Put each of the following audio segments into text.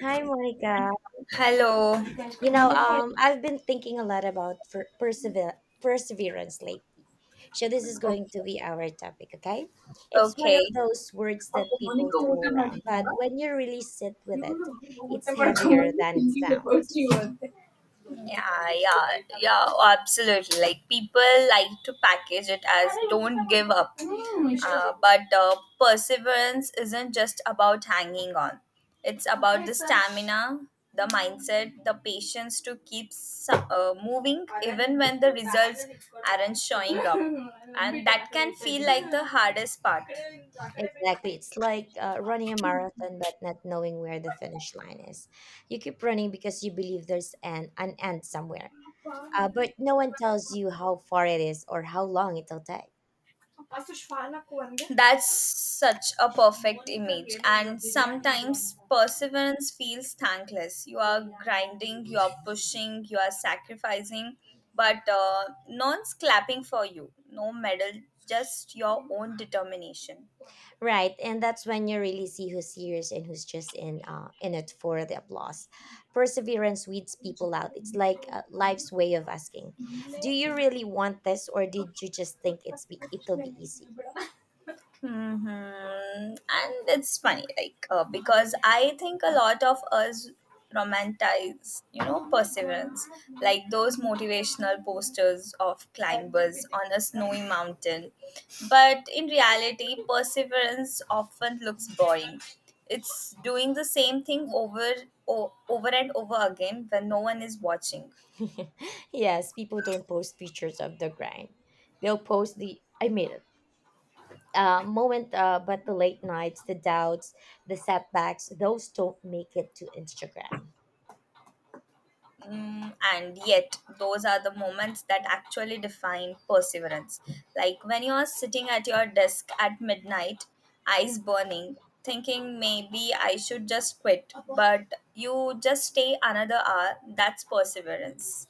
Hi, Monica. Hello. I've been thinking a lot about perseverance lately. So this is going Okay. to be our topic, okay? It's one Okay. of those words that people throw around, but when you really sit with it, it's heavier than it sounds. Yeah, yeah, yeah, absolutely. Like people like to package it as don't give up. But perseverance isn't just about hanging on. It's about the stamina, the mindset, the patience to keep moving even when the results aren't showing up. And that can feel like the hardest part. Exactly. It's like running a marathon, but not knowing where the finish line is. You keep running because you believe there's an end somewhere, but no one tells you how far it is or how long it'll take. That's such a perfect image, and sometimes perseverance feels thankless. You are grinding, you are pushing, you are sacrificing, but no one's clapping for you. No medal, just your own determination. Right, and that's when you really see who's serious and who's just in it for the applause. Perseverance weeds people out. It's like life's way of asking, "Do you really want this, or did you just think it'll be easy?" Mm-hmm. And it's funny, because I think a lot of us romanticize, perseverance, like those motivational posters of climbers on a snowy mountain. But in reality, perseverance often looks boring. It's doing the same thing over, over and over again when no one is watching. Yes, people don't post pictures of the grind. They'll post the I made it moment, but the late nights, the doubts, the setbacks, those don't make it to Instagram. And yet, those are the moments that actually define perseverance. Like when you're sitting at your desk at midnight, eyes burning, thinking maybe I should just quit, but you just stay another hour. That's perseverance.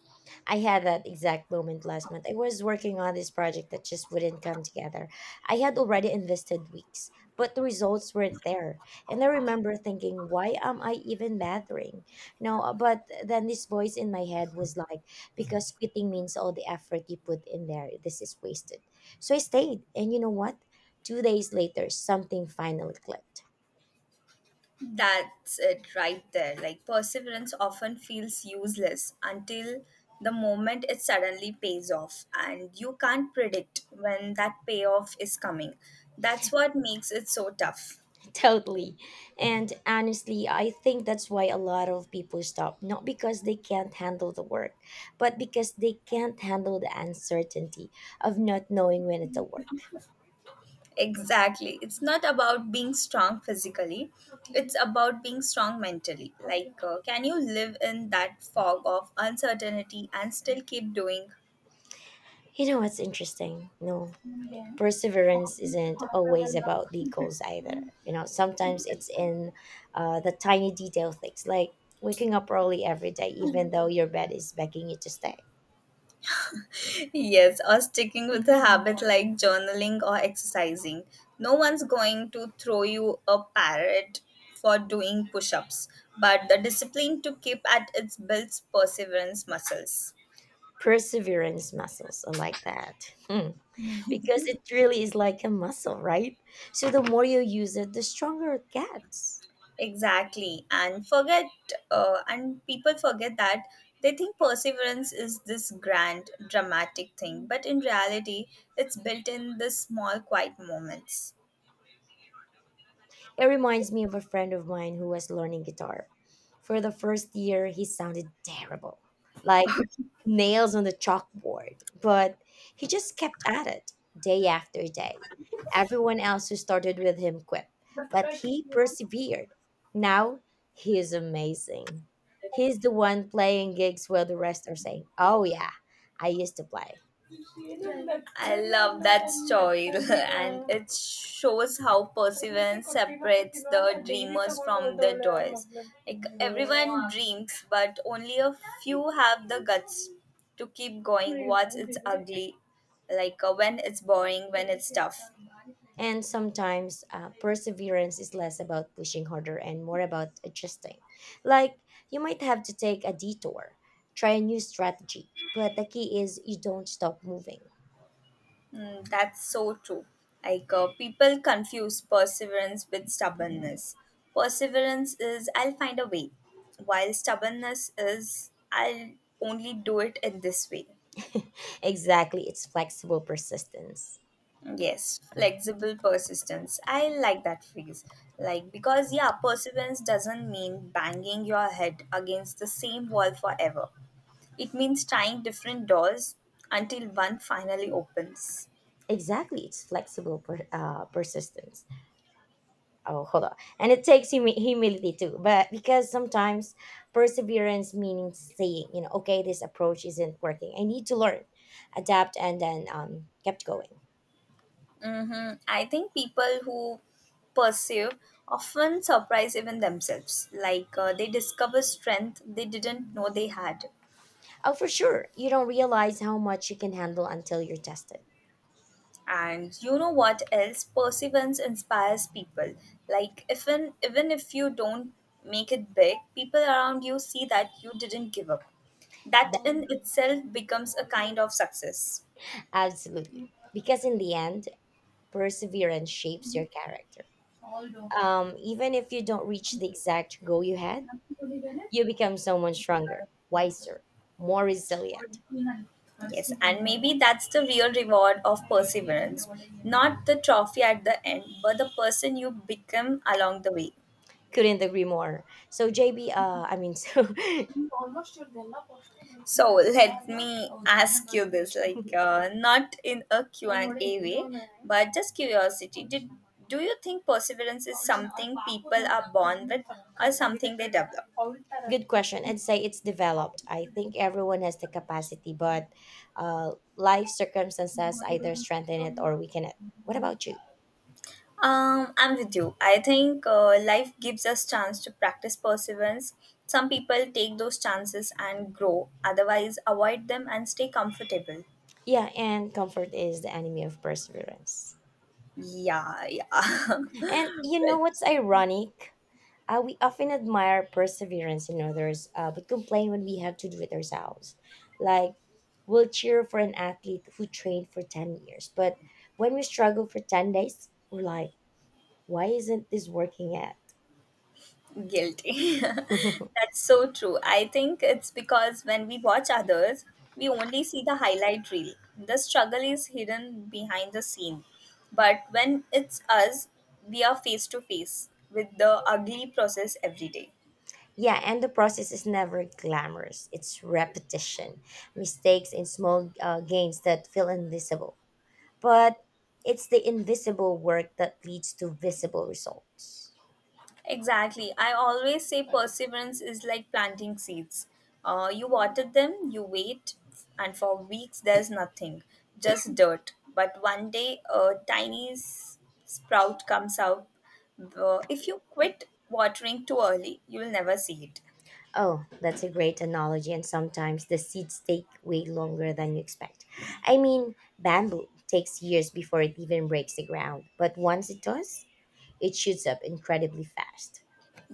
I had that exact moment last month. I was working on this project that just wouldn't come together. I had already invested weeks, but the results weren't there. And I remember thinking, why am I even bothering? But then this voice in my head was like, because quitting means all the effort you put in there, this is wasted. So I stayed. And you know what? Two days later, something finally clicked. That's it right there. Like perseverance often feels useless until the moment it suddenly pays off, and you can't predict when that payoff is coming. That's what makes it so tough. Totally. And honestly, I think that's why a lot of people stop, not because they can't handle the work, but because they can't handle the uncertainty of not knowing when it'll work. Exactly. It's not about being strong physically, it's about being strong mentally. Can you live in that fog of uncertainty and still keep doing? You know what's interesting? No, perseverance isn't always about big goals either. Sometimes it's in the tiny detail things like waking up early every day, even though your bed is begging you to stay. Yes, or sticking with a habit like journaling or exercising. No one's going to throw you a parrot for doing push ups, but the discipline to keep at it builds perseverance muscles. Perseverance muscles, I like that. Because it really is like a muscle, right? So the more you use it, the stronger it gets. Exactly. And people forget that they think perseverance is this grand, dramatic thing. But in reality, it's built in the small, quiet moments. It reminds me of a friend of mine who was learning guitar. For the first year, he sounded terrible, like nails on the chalkboard, but he just kept at it day after day. Everyone else who started with him quit, but he persevered. Now he is amazing. He's the one playing gigs while the rest are saying, "Oh, yeah, I used to play." I love that story, and it shows how perseverance separates the dreamers from the doers. Like everyone dreams, but only a few have the guts to keep going. Once it's ugly, when it's boring, when it's tough. And sometimes perseverance is less about pushing harder and more about adjusting. Like you might have to take a detour, try a new strategy, but the key is you don't stop moving. That's so true. People confuse perseverance with stubbornness. Perseverance is, I'll find a way, while stubbornness is, I'll only do it in this way. Exactly, it's flexible persistence. Yes, flexible persistence. I like that phrase. Yeah, perseverance doesn't mean banging your head against the same wall forever, it means trying different doors until one finally opens. Exactly, it's flexible persistence. Oh, hold on. And it takes humility too, but because sometimes perseverance means saying, okay, this approach isn't working. I need to learn, adapt, and then kept going. Mm-hmm. I think people who pursue often surprise even themselves. They discover strength they didn't know they had. Oh, for sure. You don't realize how much you can handle until you're tested. And you know what else? Perseverance inspires people. Like even if you don't make it big, people around you see that you didn't give up. That That, in itself becomes a kind of success. absolutely. Because in the end, perseverance shapes your character. Even if you don't reach the exact goal you had, you become someone stronger, wiser, more resilient. Yes, and maybe that's the real reward of perseverance. Not the trophy at the end, but the person you become along the way. Couldn't agree more. So, JB, so So let me ask you this, not in a Q&A way, but just curiosity. Do you think perseverance is something people are born with or something they develop? good question. I'd say it's developed. I think everyone has the capacity, but uh, life circumstances either strengthen it or weaken it. What about you? I'm with you. I think life gives us chance to practice perseverance. Some people take those chances and grow, otherwise avoid them and stay comfortable. Yeah, and comfort is the enemy of perseverance. Yeah, yeah. And you know Right. what's ironic? We often admire perseverance in others, but complain when we have to do it ourselves. Like, we'll cheer for an athlete who trained for 10 years, but when we struggle for 10 days, we're like, why isn't this working yet? Guilty. That's so true. I think it's because when we watch others, we only see the highlight reel. The struggle is hidden behind the scene. But when it's us, we are face to face with the ugly process every day. Yeah, and the process is never glamorous. It's repetition, mistakes, and small gains that feel invisible, but it's the invisible work that leads to visible results. Exactly. I always say perseverance is like planting seeds. You water them, you wait, and for weeks there's nothing, just dirt. But one day a tiny sprout comes out. If you quit watering too early, you will never see it. Oh, that's a great analogy, and sometimes the seeds take way longer than you expect. I mean, bamboo takes years before it even breaks the ground, but once it does, it shoots up incredibly fast.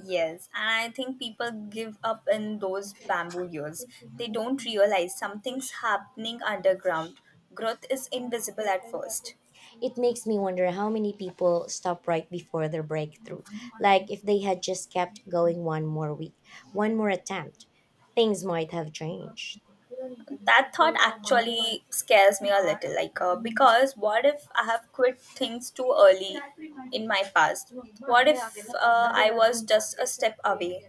Yes, and I think people give up in those bamboo years. They don't realize something's happening underground. Growth is invisible at first. It makes me wonder how many people stop right before their breakthrough. Like, if they had just kept going one more week, one more attempt, things might have changed. That thought actually scares me a little, because what if I have quit things too early in my past, what if I was just a step away.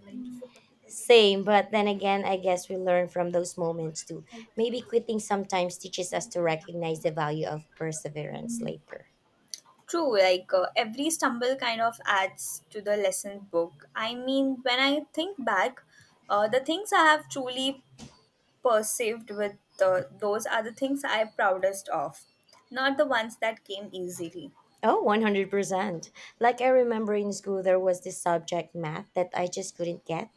Same, but then again, I guess we learn from those moments too. Maybe quitting sometimes teaches us to recognize the value of perseverance later. True, every stumble kind of adds to the lesson book. I mean, when I think back, the things I have truly perceived with, those are the things I am proudest of, not the ones that came easily. Oh, 100%. Like I remember in school, there was this subject, math, that I just couldn't get.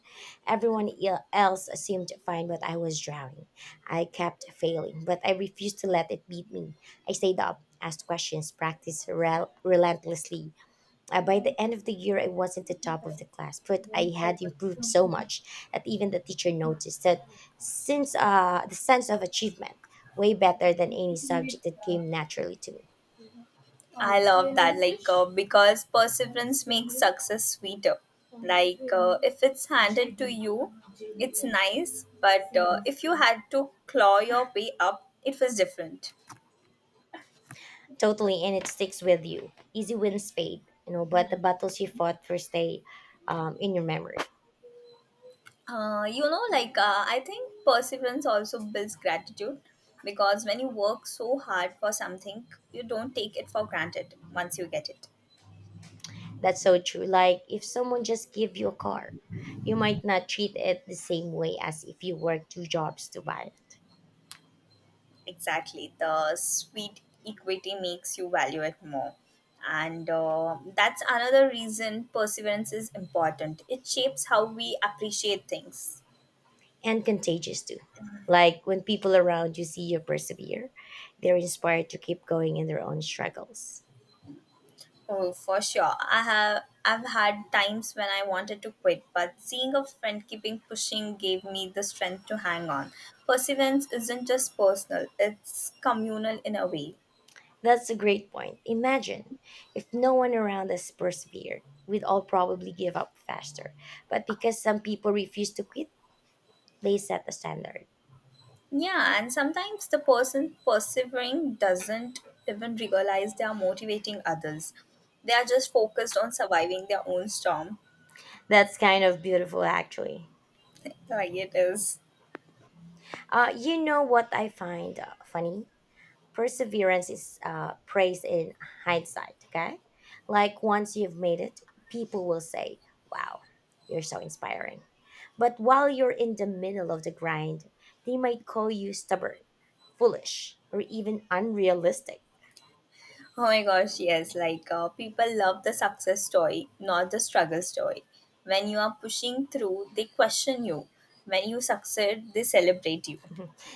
Everyone else seemed fine, but I was drowning. I kept failing, but I refused to let it beat me. I stayed up, asked questions, practiced relentlessly. By the end of the year, I wasn't the top of the class, but I had improved so much that even the teacher noticed that since the sense of achievement, way better than any subject that came naturally to me. I love that, because perseverance makes success sweeter. If it's handed to you, it's nice, but if you had to claw your way up, it was different. Totally, and it sticks with you. Easy wins fade, you know, but the battles you fought first stay in your memory. I think perseverance also builds gratitude because when you work so hard for something, you don't take it for granted once you get it. That's so true. Like if someone just give you a car, you might not treat it the same way as if you work two jobs to buy. Exactly. The sweet equity makes you value it more. And that's another reason perseverance is important. It shapes how we appreciate things. And contagious too. Like when people around you see you persevere, they're inspired to keep going in their own struggles. Oh, for sure. I've had times when I wanted to quit, but seeing a friend keeping pushing gave me the strength to hang on. Perseverance isn't just personal, it's communal in a way. That's a great point. Imagine if no one around us persevered, we'd all probably give up faster. But because some people refuse to quit, they set the standard. Yeah, and sometimes the person persevering doesn't even realize they are motivating others. They are just focused on surviving their own storm. That's kind of beautiful, actually. Like it is. You know what I find funny? Perseverance is praised in hindsight, okay? Like once you've made it, people will say, wow, you're so inspiring. But while you're in the middle of the grind, they might call you stubborn, foolish, or even unrealistic. Oh my gosh, yes. People love the success story, not the struggle story. When you are pushing through, they question you. When you succeed, they celebrate you.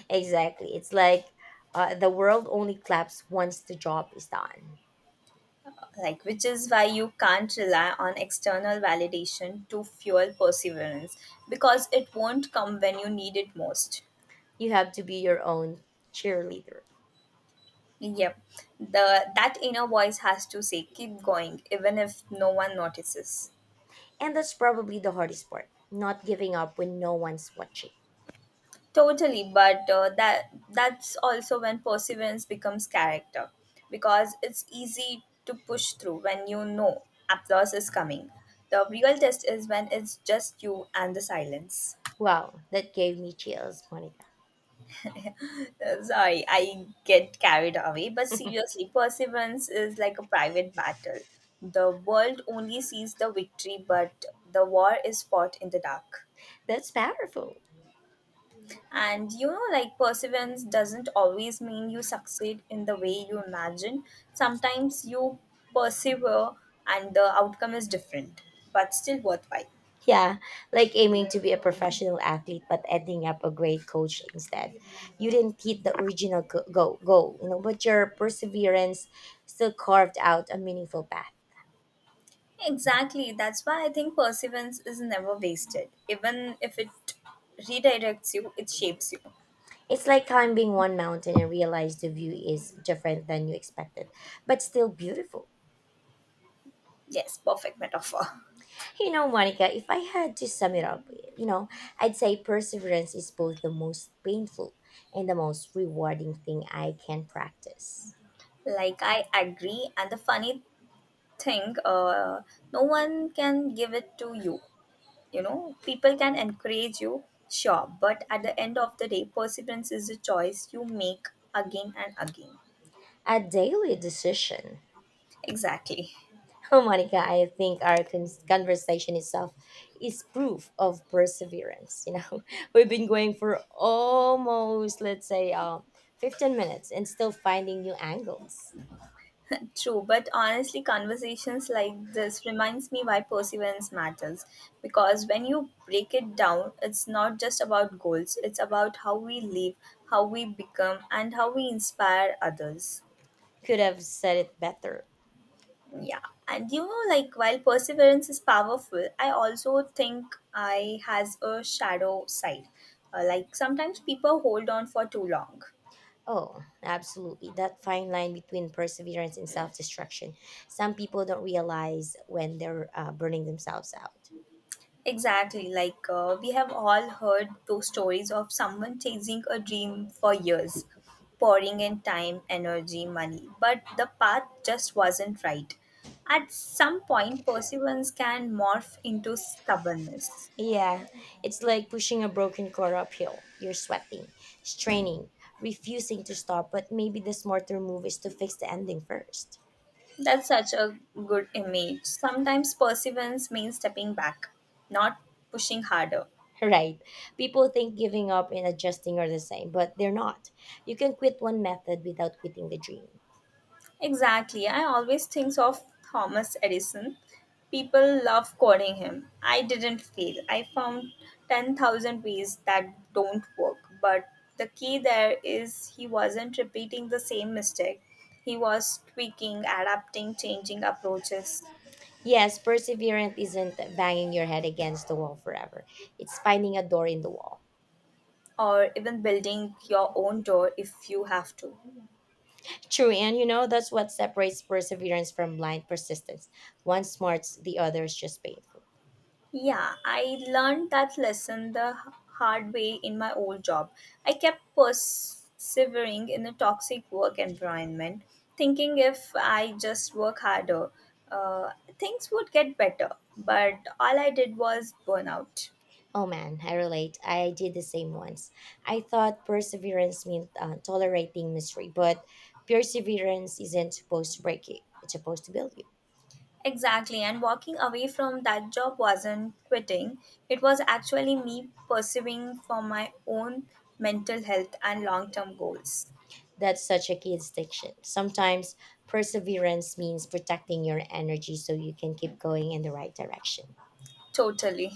Exactly. It's like the world only claps once the job is done. Like, which is why you can't rely on external validation to fuel perseverance because it won't come when you need it most. You have to be your own cheerleader. Yep. The that inner voice has to say keep going even if no one notices. And that's probably the hardest part not giving up when no one's watching. Totally, but that's also when perseverance becomes character because it's easy to push through when you know applause is coming. The real test is when it's just you and the silence. Wow, that gave me chills, Monica. Sorry, I get carried away, but seriously, perseverance is like a private battle. The world only sees the victory, but the war is fought in the dark. That's powerful. And you know, like perseverance doesn't always mean you succeed in the way you imagine. Sometimes you persevere and the outcome is different, but still worthwhile. Yeah, like aiming to be a professional athlete but ending up a great coach instead. You didn't hit the original goal, you know, but your perseverance still carved out a meaningful path. Exactly. That's why I think perseverance is never wasted. Even if it redirects you, it shapes you. It's like climbing one mountain and realize the view is different than you expected, but still beautiful. Yes, perfect metaphor. You know, Monica, if I had to sum it up, you know, I'd say perseverance is both the most painful and the most rewarding thing I can practice. Like, I agree. And the funny thing, no one can give it to you. You know, people can encourage you, sure, but at the end of the day perseverance is a choice you make again and again. A daily decision. Exactly. Oh, Monica, I think our conversation itself is proof of perseverance. You know, we've been going for almost, let's say, 15 minutes and still finding new angles. True, but honestly conversations like this reminds me why perseverance matters, because when you break it down it's not just about goals, it's about how we live, how we become, and how we inspire others. Could have said it better. Yeah, and you know, like while perseverance is powerful, I also think I has a shadow side. Like sometimes people hold on for too long. Oh, absolutely. That fine line between perseverance and self destruction. Some people don't realize when they're burning themselves out. Exactly, we have all heard those stories of someone chasing a dream for years, pouring in time, energy, money, but the path just wasn't right. At some point, perseverance can morph into stubbornness. Yeah, it's like pushing a broken car uphill. You're sweating, straining, refusing to stop, but maybe the smarter move is to fix the ending first. That's such a good image. Sometimes perseverance means stepping back, not pushing harder. Right. People think giving up and adjusting are the same, but they're not. You can quit one method without quitting the dream. Exactly. I always think of Thomas Edison. People love quoting him. I didn't fail. I found 10,000 ways that don't work. But the key there is he wasn't repeating the same mistake. He was tweaking, adapting, changing approaches, Yes, perseverance isn't banging your head against the wall forever. It's finding a door in the wall. or even building your own door if you have to. True, and you know that's what separates perseverance from blind persistence. One smarts, the other is just painful. Yeah, I learned that lesson the hard way in my old job. I kept persevering in a toxic work environment, thinking if I just work harder, uh, things would get better. But all I did was burn out. Oh man, I relate. I did the same once. I thought perseverance meant tolerating misery, but perseverance isn't supposed to break you, it's supposed to build you. Exactly, and walking away from that job wasn't quitting, it was actually me pursuing for my own mental health and long term goals. That's such a key distinction. Sometimes perseverance means protecting your energy so you can keep going in the right direction. Totally.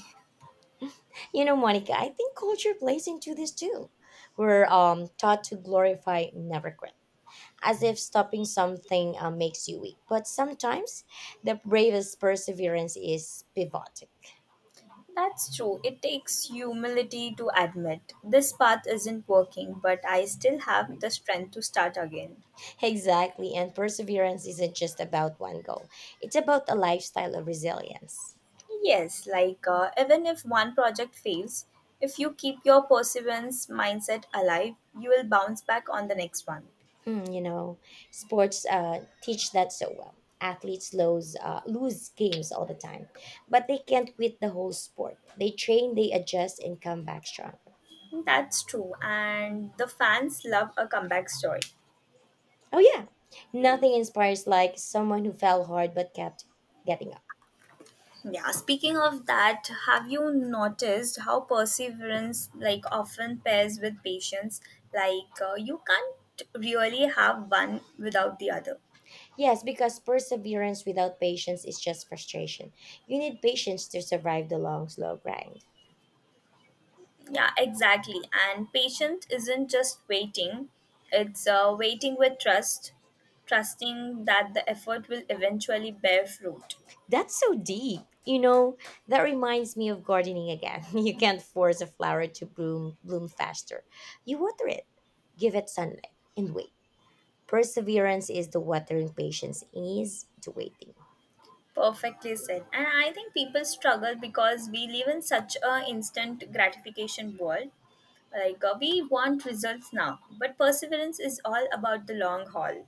You know, Monica, I think culture plays into this too. We're taught to glorify never quit, as if stopping something makes you weak. But sometimes the bravest perseverance is pivoting. That's true. It takes humility to admit this path isn't working, but I still have the strength to start again. Exactly. And perseverance isn't just about one goal, it's about a lifestyle of resilience. Yes, even if one project fails, if you keep your perseverance mindset alive, you will bounce back on the next one. Hmm, you know, sports teach that so well. Athletes lose, lose games all the time, but they can't quit the whole sport. They train, they adjust, and come back stronger. That's true, and the fans love a comeback story. Oh, yeah. Nothing inspires like someone who fell hard but kept getting up. Yeah, speaking of that, have you noticed how perseverance like often pairs with patience? You can't really have one without the other. Yes, because perseverance without patience is just frustration. You need patience to survive the long, slow grind. Yeah, exactly. And patience isn't just waiting; it's waiting with trust, trusting that the effort will eventually bear fruit. That's so deep. You know, that reminds me of gardening again. You can't force a flower to bloom faster. You water it, give it sunlight, and wait. Perseverance is the watering, patience is the waiting. Perfectly said. And I think people struggle because we live in such a instant gratification world. We want results now, but perseverance is all about the long haul.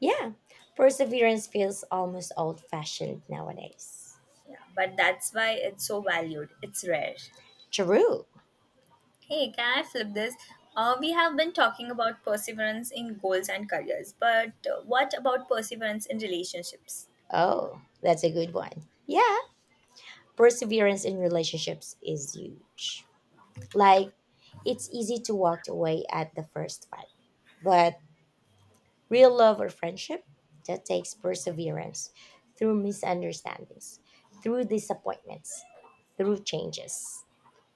Yeah, perseverance feels almost old fashioned nowadays. Yeah, but that's why it's so valued. It's rare. True. Hey, can I flip this? We have been talking about perseverance in goals and careers, but what about perseverance in relationships? Oh, that's a good one. Yeah, perseverance in relationships is huge. Like, it's easy to walk away at the first fight, but real love or friendship that takes perseverance through misunderstandings, through disappointments, through changes.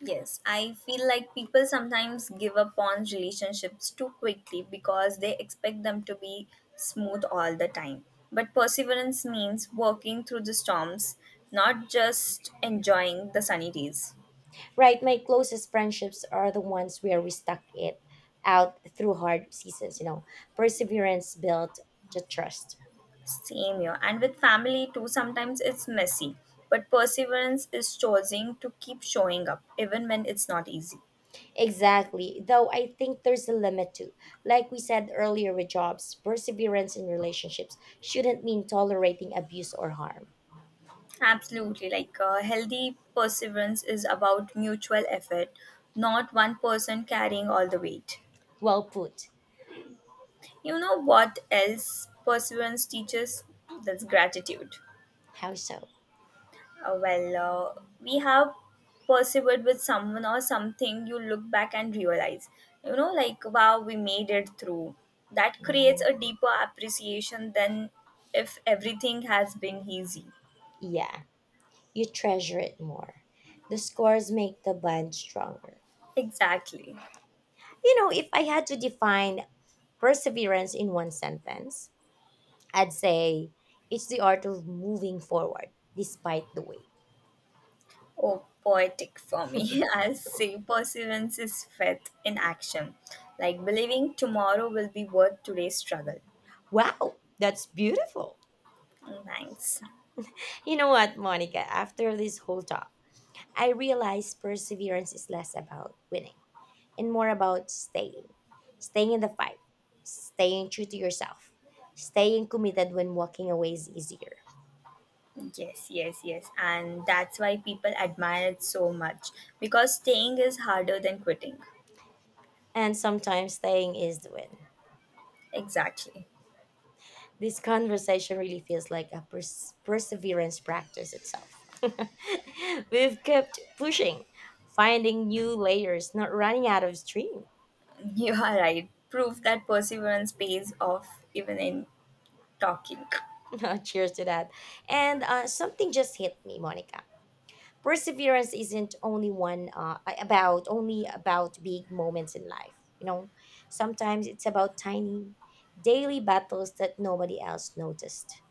Yes, I feel like people sometimes give up on relationships too quickly because they expect them to be smooth all the time. But perseverance means working through the storms, not just enjoying the sunny days. Right, my closest friendships are the ones where we stuck it out through hard seasons, you know. Perseverance built the trust. Same here. And with family too, sometimes it's messy. But perseverance is choosing to keep showing up even when it's not easy. Exactly. Though I think there's a limit too. Like we said earlier with jobs, perseverance in relationships shouldn't mean tolerating abuse or harm. Absolutely. Like healthy perseverance is about mutual effort, not one person carrying all the weight. Well put. You know what else perseverance teaches? That's gratitude. How so? Uh, well, we have persevered with someone or something, you look back and realize, wow, we made it through. That creates Hmm. a deeper appreciation than if everything has been easy. Yeah. You treasure it more. The scores make the bond stronger. Exactly. You know, if I had to define perseverance in one sentence, I'd say it's the art of moving forward despite the weight. Oh, poetic for me. I'll say perseverance is faith in action, like believing tomorrow will be worth today's struggle. Wow, that's beautiful. Thanks. You know what, Monica, after this whole talk, I realized perseverance is less about winning and more about staying. Staying in the fight, staying true to yourself, staying committed when walking away is easier. Yes, yes, yes. And that's why people admire it so much because staying is harder than quitting. And sometimes staying is the win. Exactly. This conversation really feels like a perseverance practice itself. We've kept pushing, finding new layers, not running out of stream. You are right. Proof that perseverance pays off even in talking. Cheers to that. And Something just hit me, Monica. Perseverance isn't only about big moments in life. You know, sometimes it's about tiny daily battles that nobody else noticed.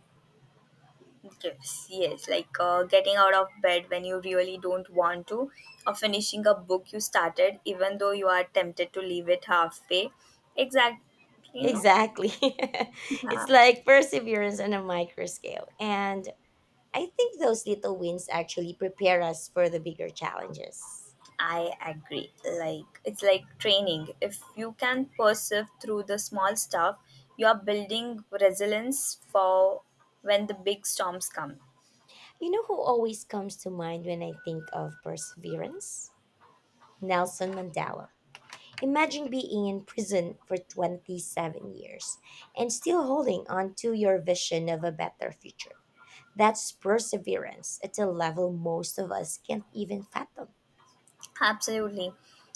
Yes, yes. Like getting out of bed when you really don't want to, or finishing a book you started even though you are tempted to leave it halfway. Exactly. You know? Exactly. It's Yeah. like perseverance on a micro scale. And I think those little wins actually prepare us for the bigger challenges. I agree. Like it's like training. If you can persevere through the small stuff, you are building resilience for when the big storms come. You know who always comes to mind when I think of perseverance? Nelson Mandela. Imagine being in prison for 27 years and still holding on to your vision of a better future. That's perseverance at a level most of us can't even fathom. Absolutely.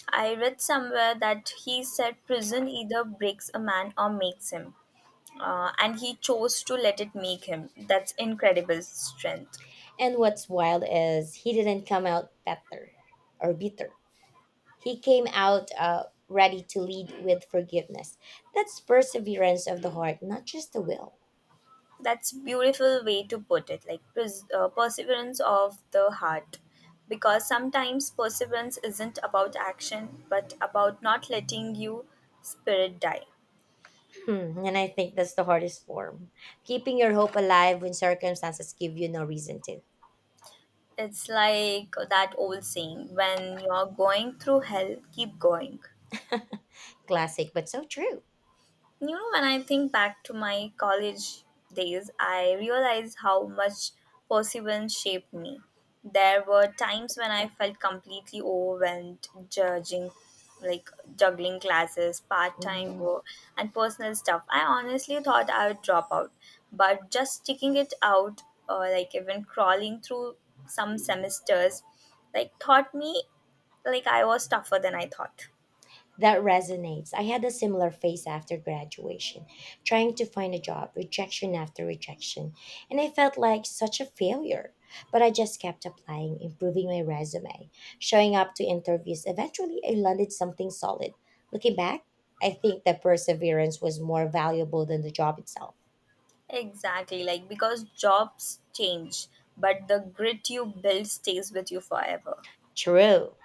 I read somewhere that he said prison either breaks a man or makes him. And he chose to let it make him. That's incredible strength. And what's wild is he didn't come out better or bitter. He came out ready to lead with forgiveness. That's perseverance of the heart, not just the will. That's beautiful way to put it. Like perseverance of the heart, because sometimes perseverance isn't about action, but about not letting you spirit die. Hmm, and I think that's the hardest form. Keeping your hope alive when circumstances give you no reason to. It's like that old saying: when you're going through hell, keep going. Classic, but so true. You know, when I think back to my college days, I realize how much perseverance shaped me. There were times when I felt completely overwhelmed, judging, like juggling classes, part time Mhm. work, and personal stuff. I honestly thought I would drop out, but just sticking it out, or like even crawling through some semesters, like taught me like I was tougher than I thought. That resonates. I had a similar phase after graduation, trying to find a job, rejection after rejection, and I felt like such a failure. But I just kept applying, improving my resume, showing up to interviews. Eventually, I landed something solid. Looking back, I think that perseverance was more valuable than the job itself. Exactly, like because jobs change, but the grit you build stays with you forever. True.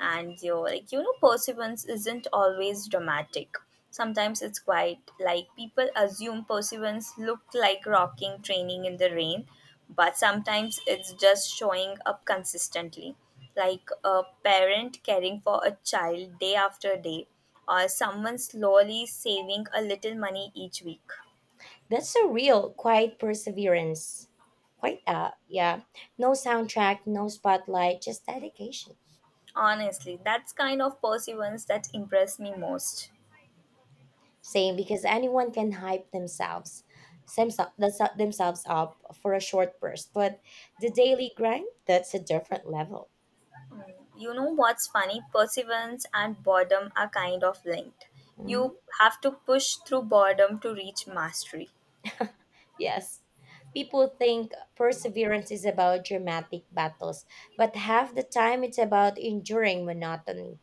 And your like you know perseverance isn't always dramatic. Sometimes it's quite like people assume perseverance look like rocking training in the rain, but sometimes it's just showing up consistently. Like a parent caring for a child day after day, or someone slowly saving a little money each week. That's a real quiet perseverance. Quite yeah. No soundtrack, no spotlight, just dedication. Honestly, that's kind of perseverance that impressed me most. Same, because anyone can hype themselves, themselves up for a short burst, but the daily grind, that's a different level. You know what's funny? Perseverance and boredom are kind of linked. You Mhm. have to push through boredom to reach mastery, Yes. People think perseverance is about dramatic battles, but half the time it's about enduring monotony.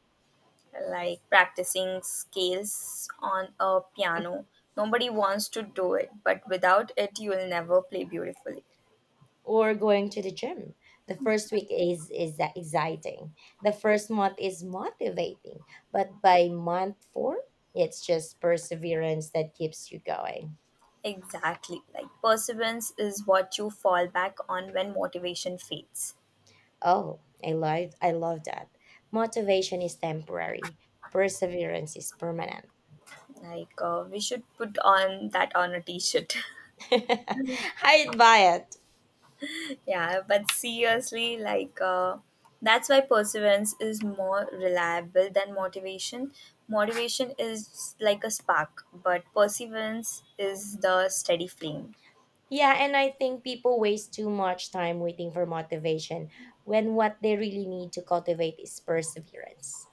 like practicing scales on a piano. Nobody wants to do it, but without it, you will never play beautifully. Or going to the gym. The first week is exciting. The first month is motivating, but by month 4, it's just perseverance that keeps you going. Exactly. Like perseverance is what you fall back on when motivation fades. Oh, I love that. Motivation is temporary. Perseverance is permanent. Like we should put on that on a t-shirt. I'd buy it. Yeah, but seriously, like that's why perseverance is more reliable than motivation. Motivation is like a spark, but perseverance is the steady flame. Yeah, and I think people waste too much time waiting for motivation when what they really need to cultivate is perseverance.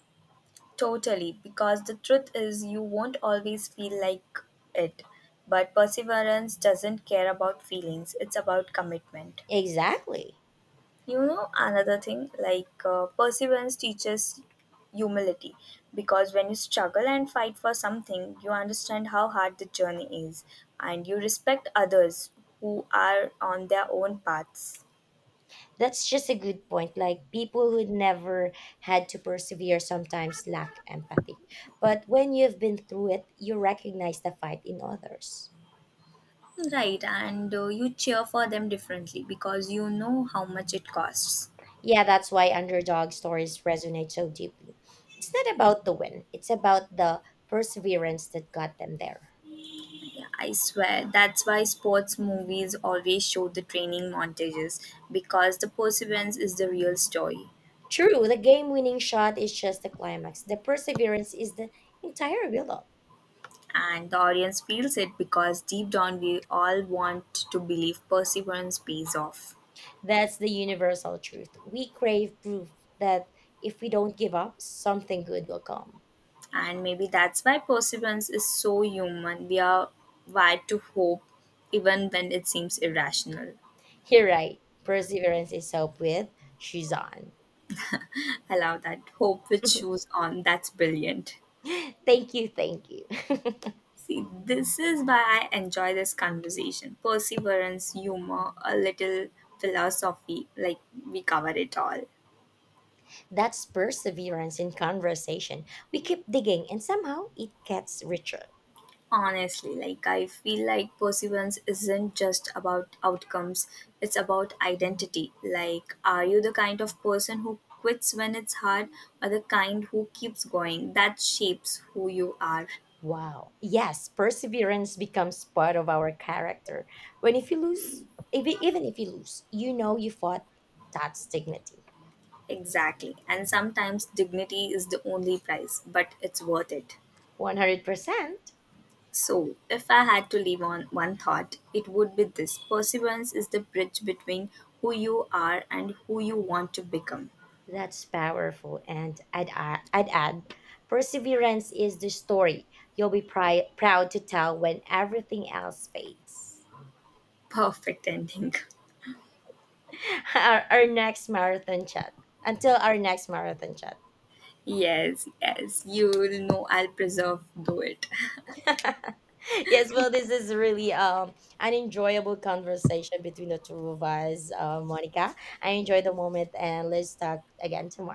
Totally, because the truth is, you won't always feel like it. But perseverance doesn't care about feelings, it's about commitment. Exactly. You know, another thing like perseverance teaches humility because when you struggle and fight for something, you understand how hard the journey is and you respect others who are on their own paths. That's just a good point. Like people who never had to persevere sometimes lack empathy. But when you've been through it, you recognize the fight in others. Right, and you cheer for them differently because you know how much it costs. Yeah, that's why underdog stories resonate so deeply. It's not about the win, it's about the perseverance that got them there. Yeah, I swear. That's why sports movies always show the training montages because the perseverance is the real story. True, the game winning shot is just the climax. The perseverance is the entire build-up. And the audience feels it because deep down we all want to believe perseverance pays off. That's the universal truth. We crave proof that if we don't give up, something good will come. And maybe that's why perseverance is so human. We are wired to hope even when it seems irrational. You're right. Perseverance is hope with shoes on. I love that, hope which shoes on, that's brilliant. Thank you, thank you. See, this is why I enjoy this conversation. Perseverance, humor, a little philosophy, like we cover it all. That's perseverance in conversation. We keep digging and somehow it gets richer. Honestly, like I feel like perseverance isn't just about outcomes, it's about identity. Like, are you the kind of person who quits when it's hard, or the kind who keeps going? That shapes who you are. Wow. Yes, perseverance becomes part of our character. When if you lose, if e, Even if you lose, you know you fought. That's dignity. Exactly. And sometimes dignity is the only price, but it's worth it. 100%. So, if I had to leave on one thought, it would be this: perseverance is the bridge between who you are and who you want to become. That's powerful. I'd add, perseverance is the story you'll be proud to tell when everything else fades. Perfect ending. Our next marathon chat. Until our next marathon Yes, yes. You will know I'll preserve do it. chat. Yes, well, this is really an enjoyable conversation between the two of us, Monica. I enjoyed the moment, and let's talk again tomorrow.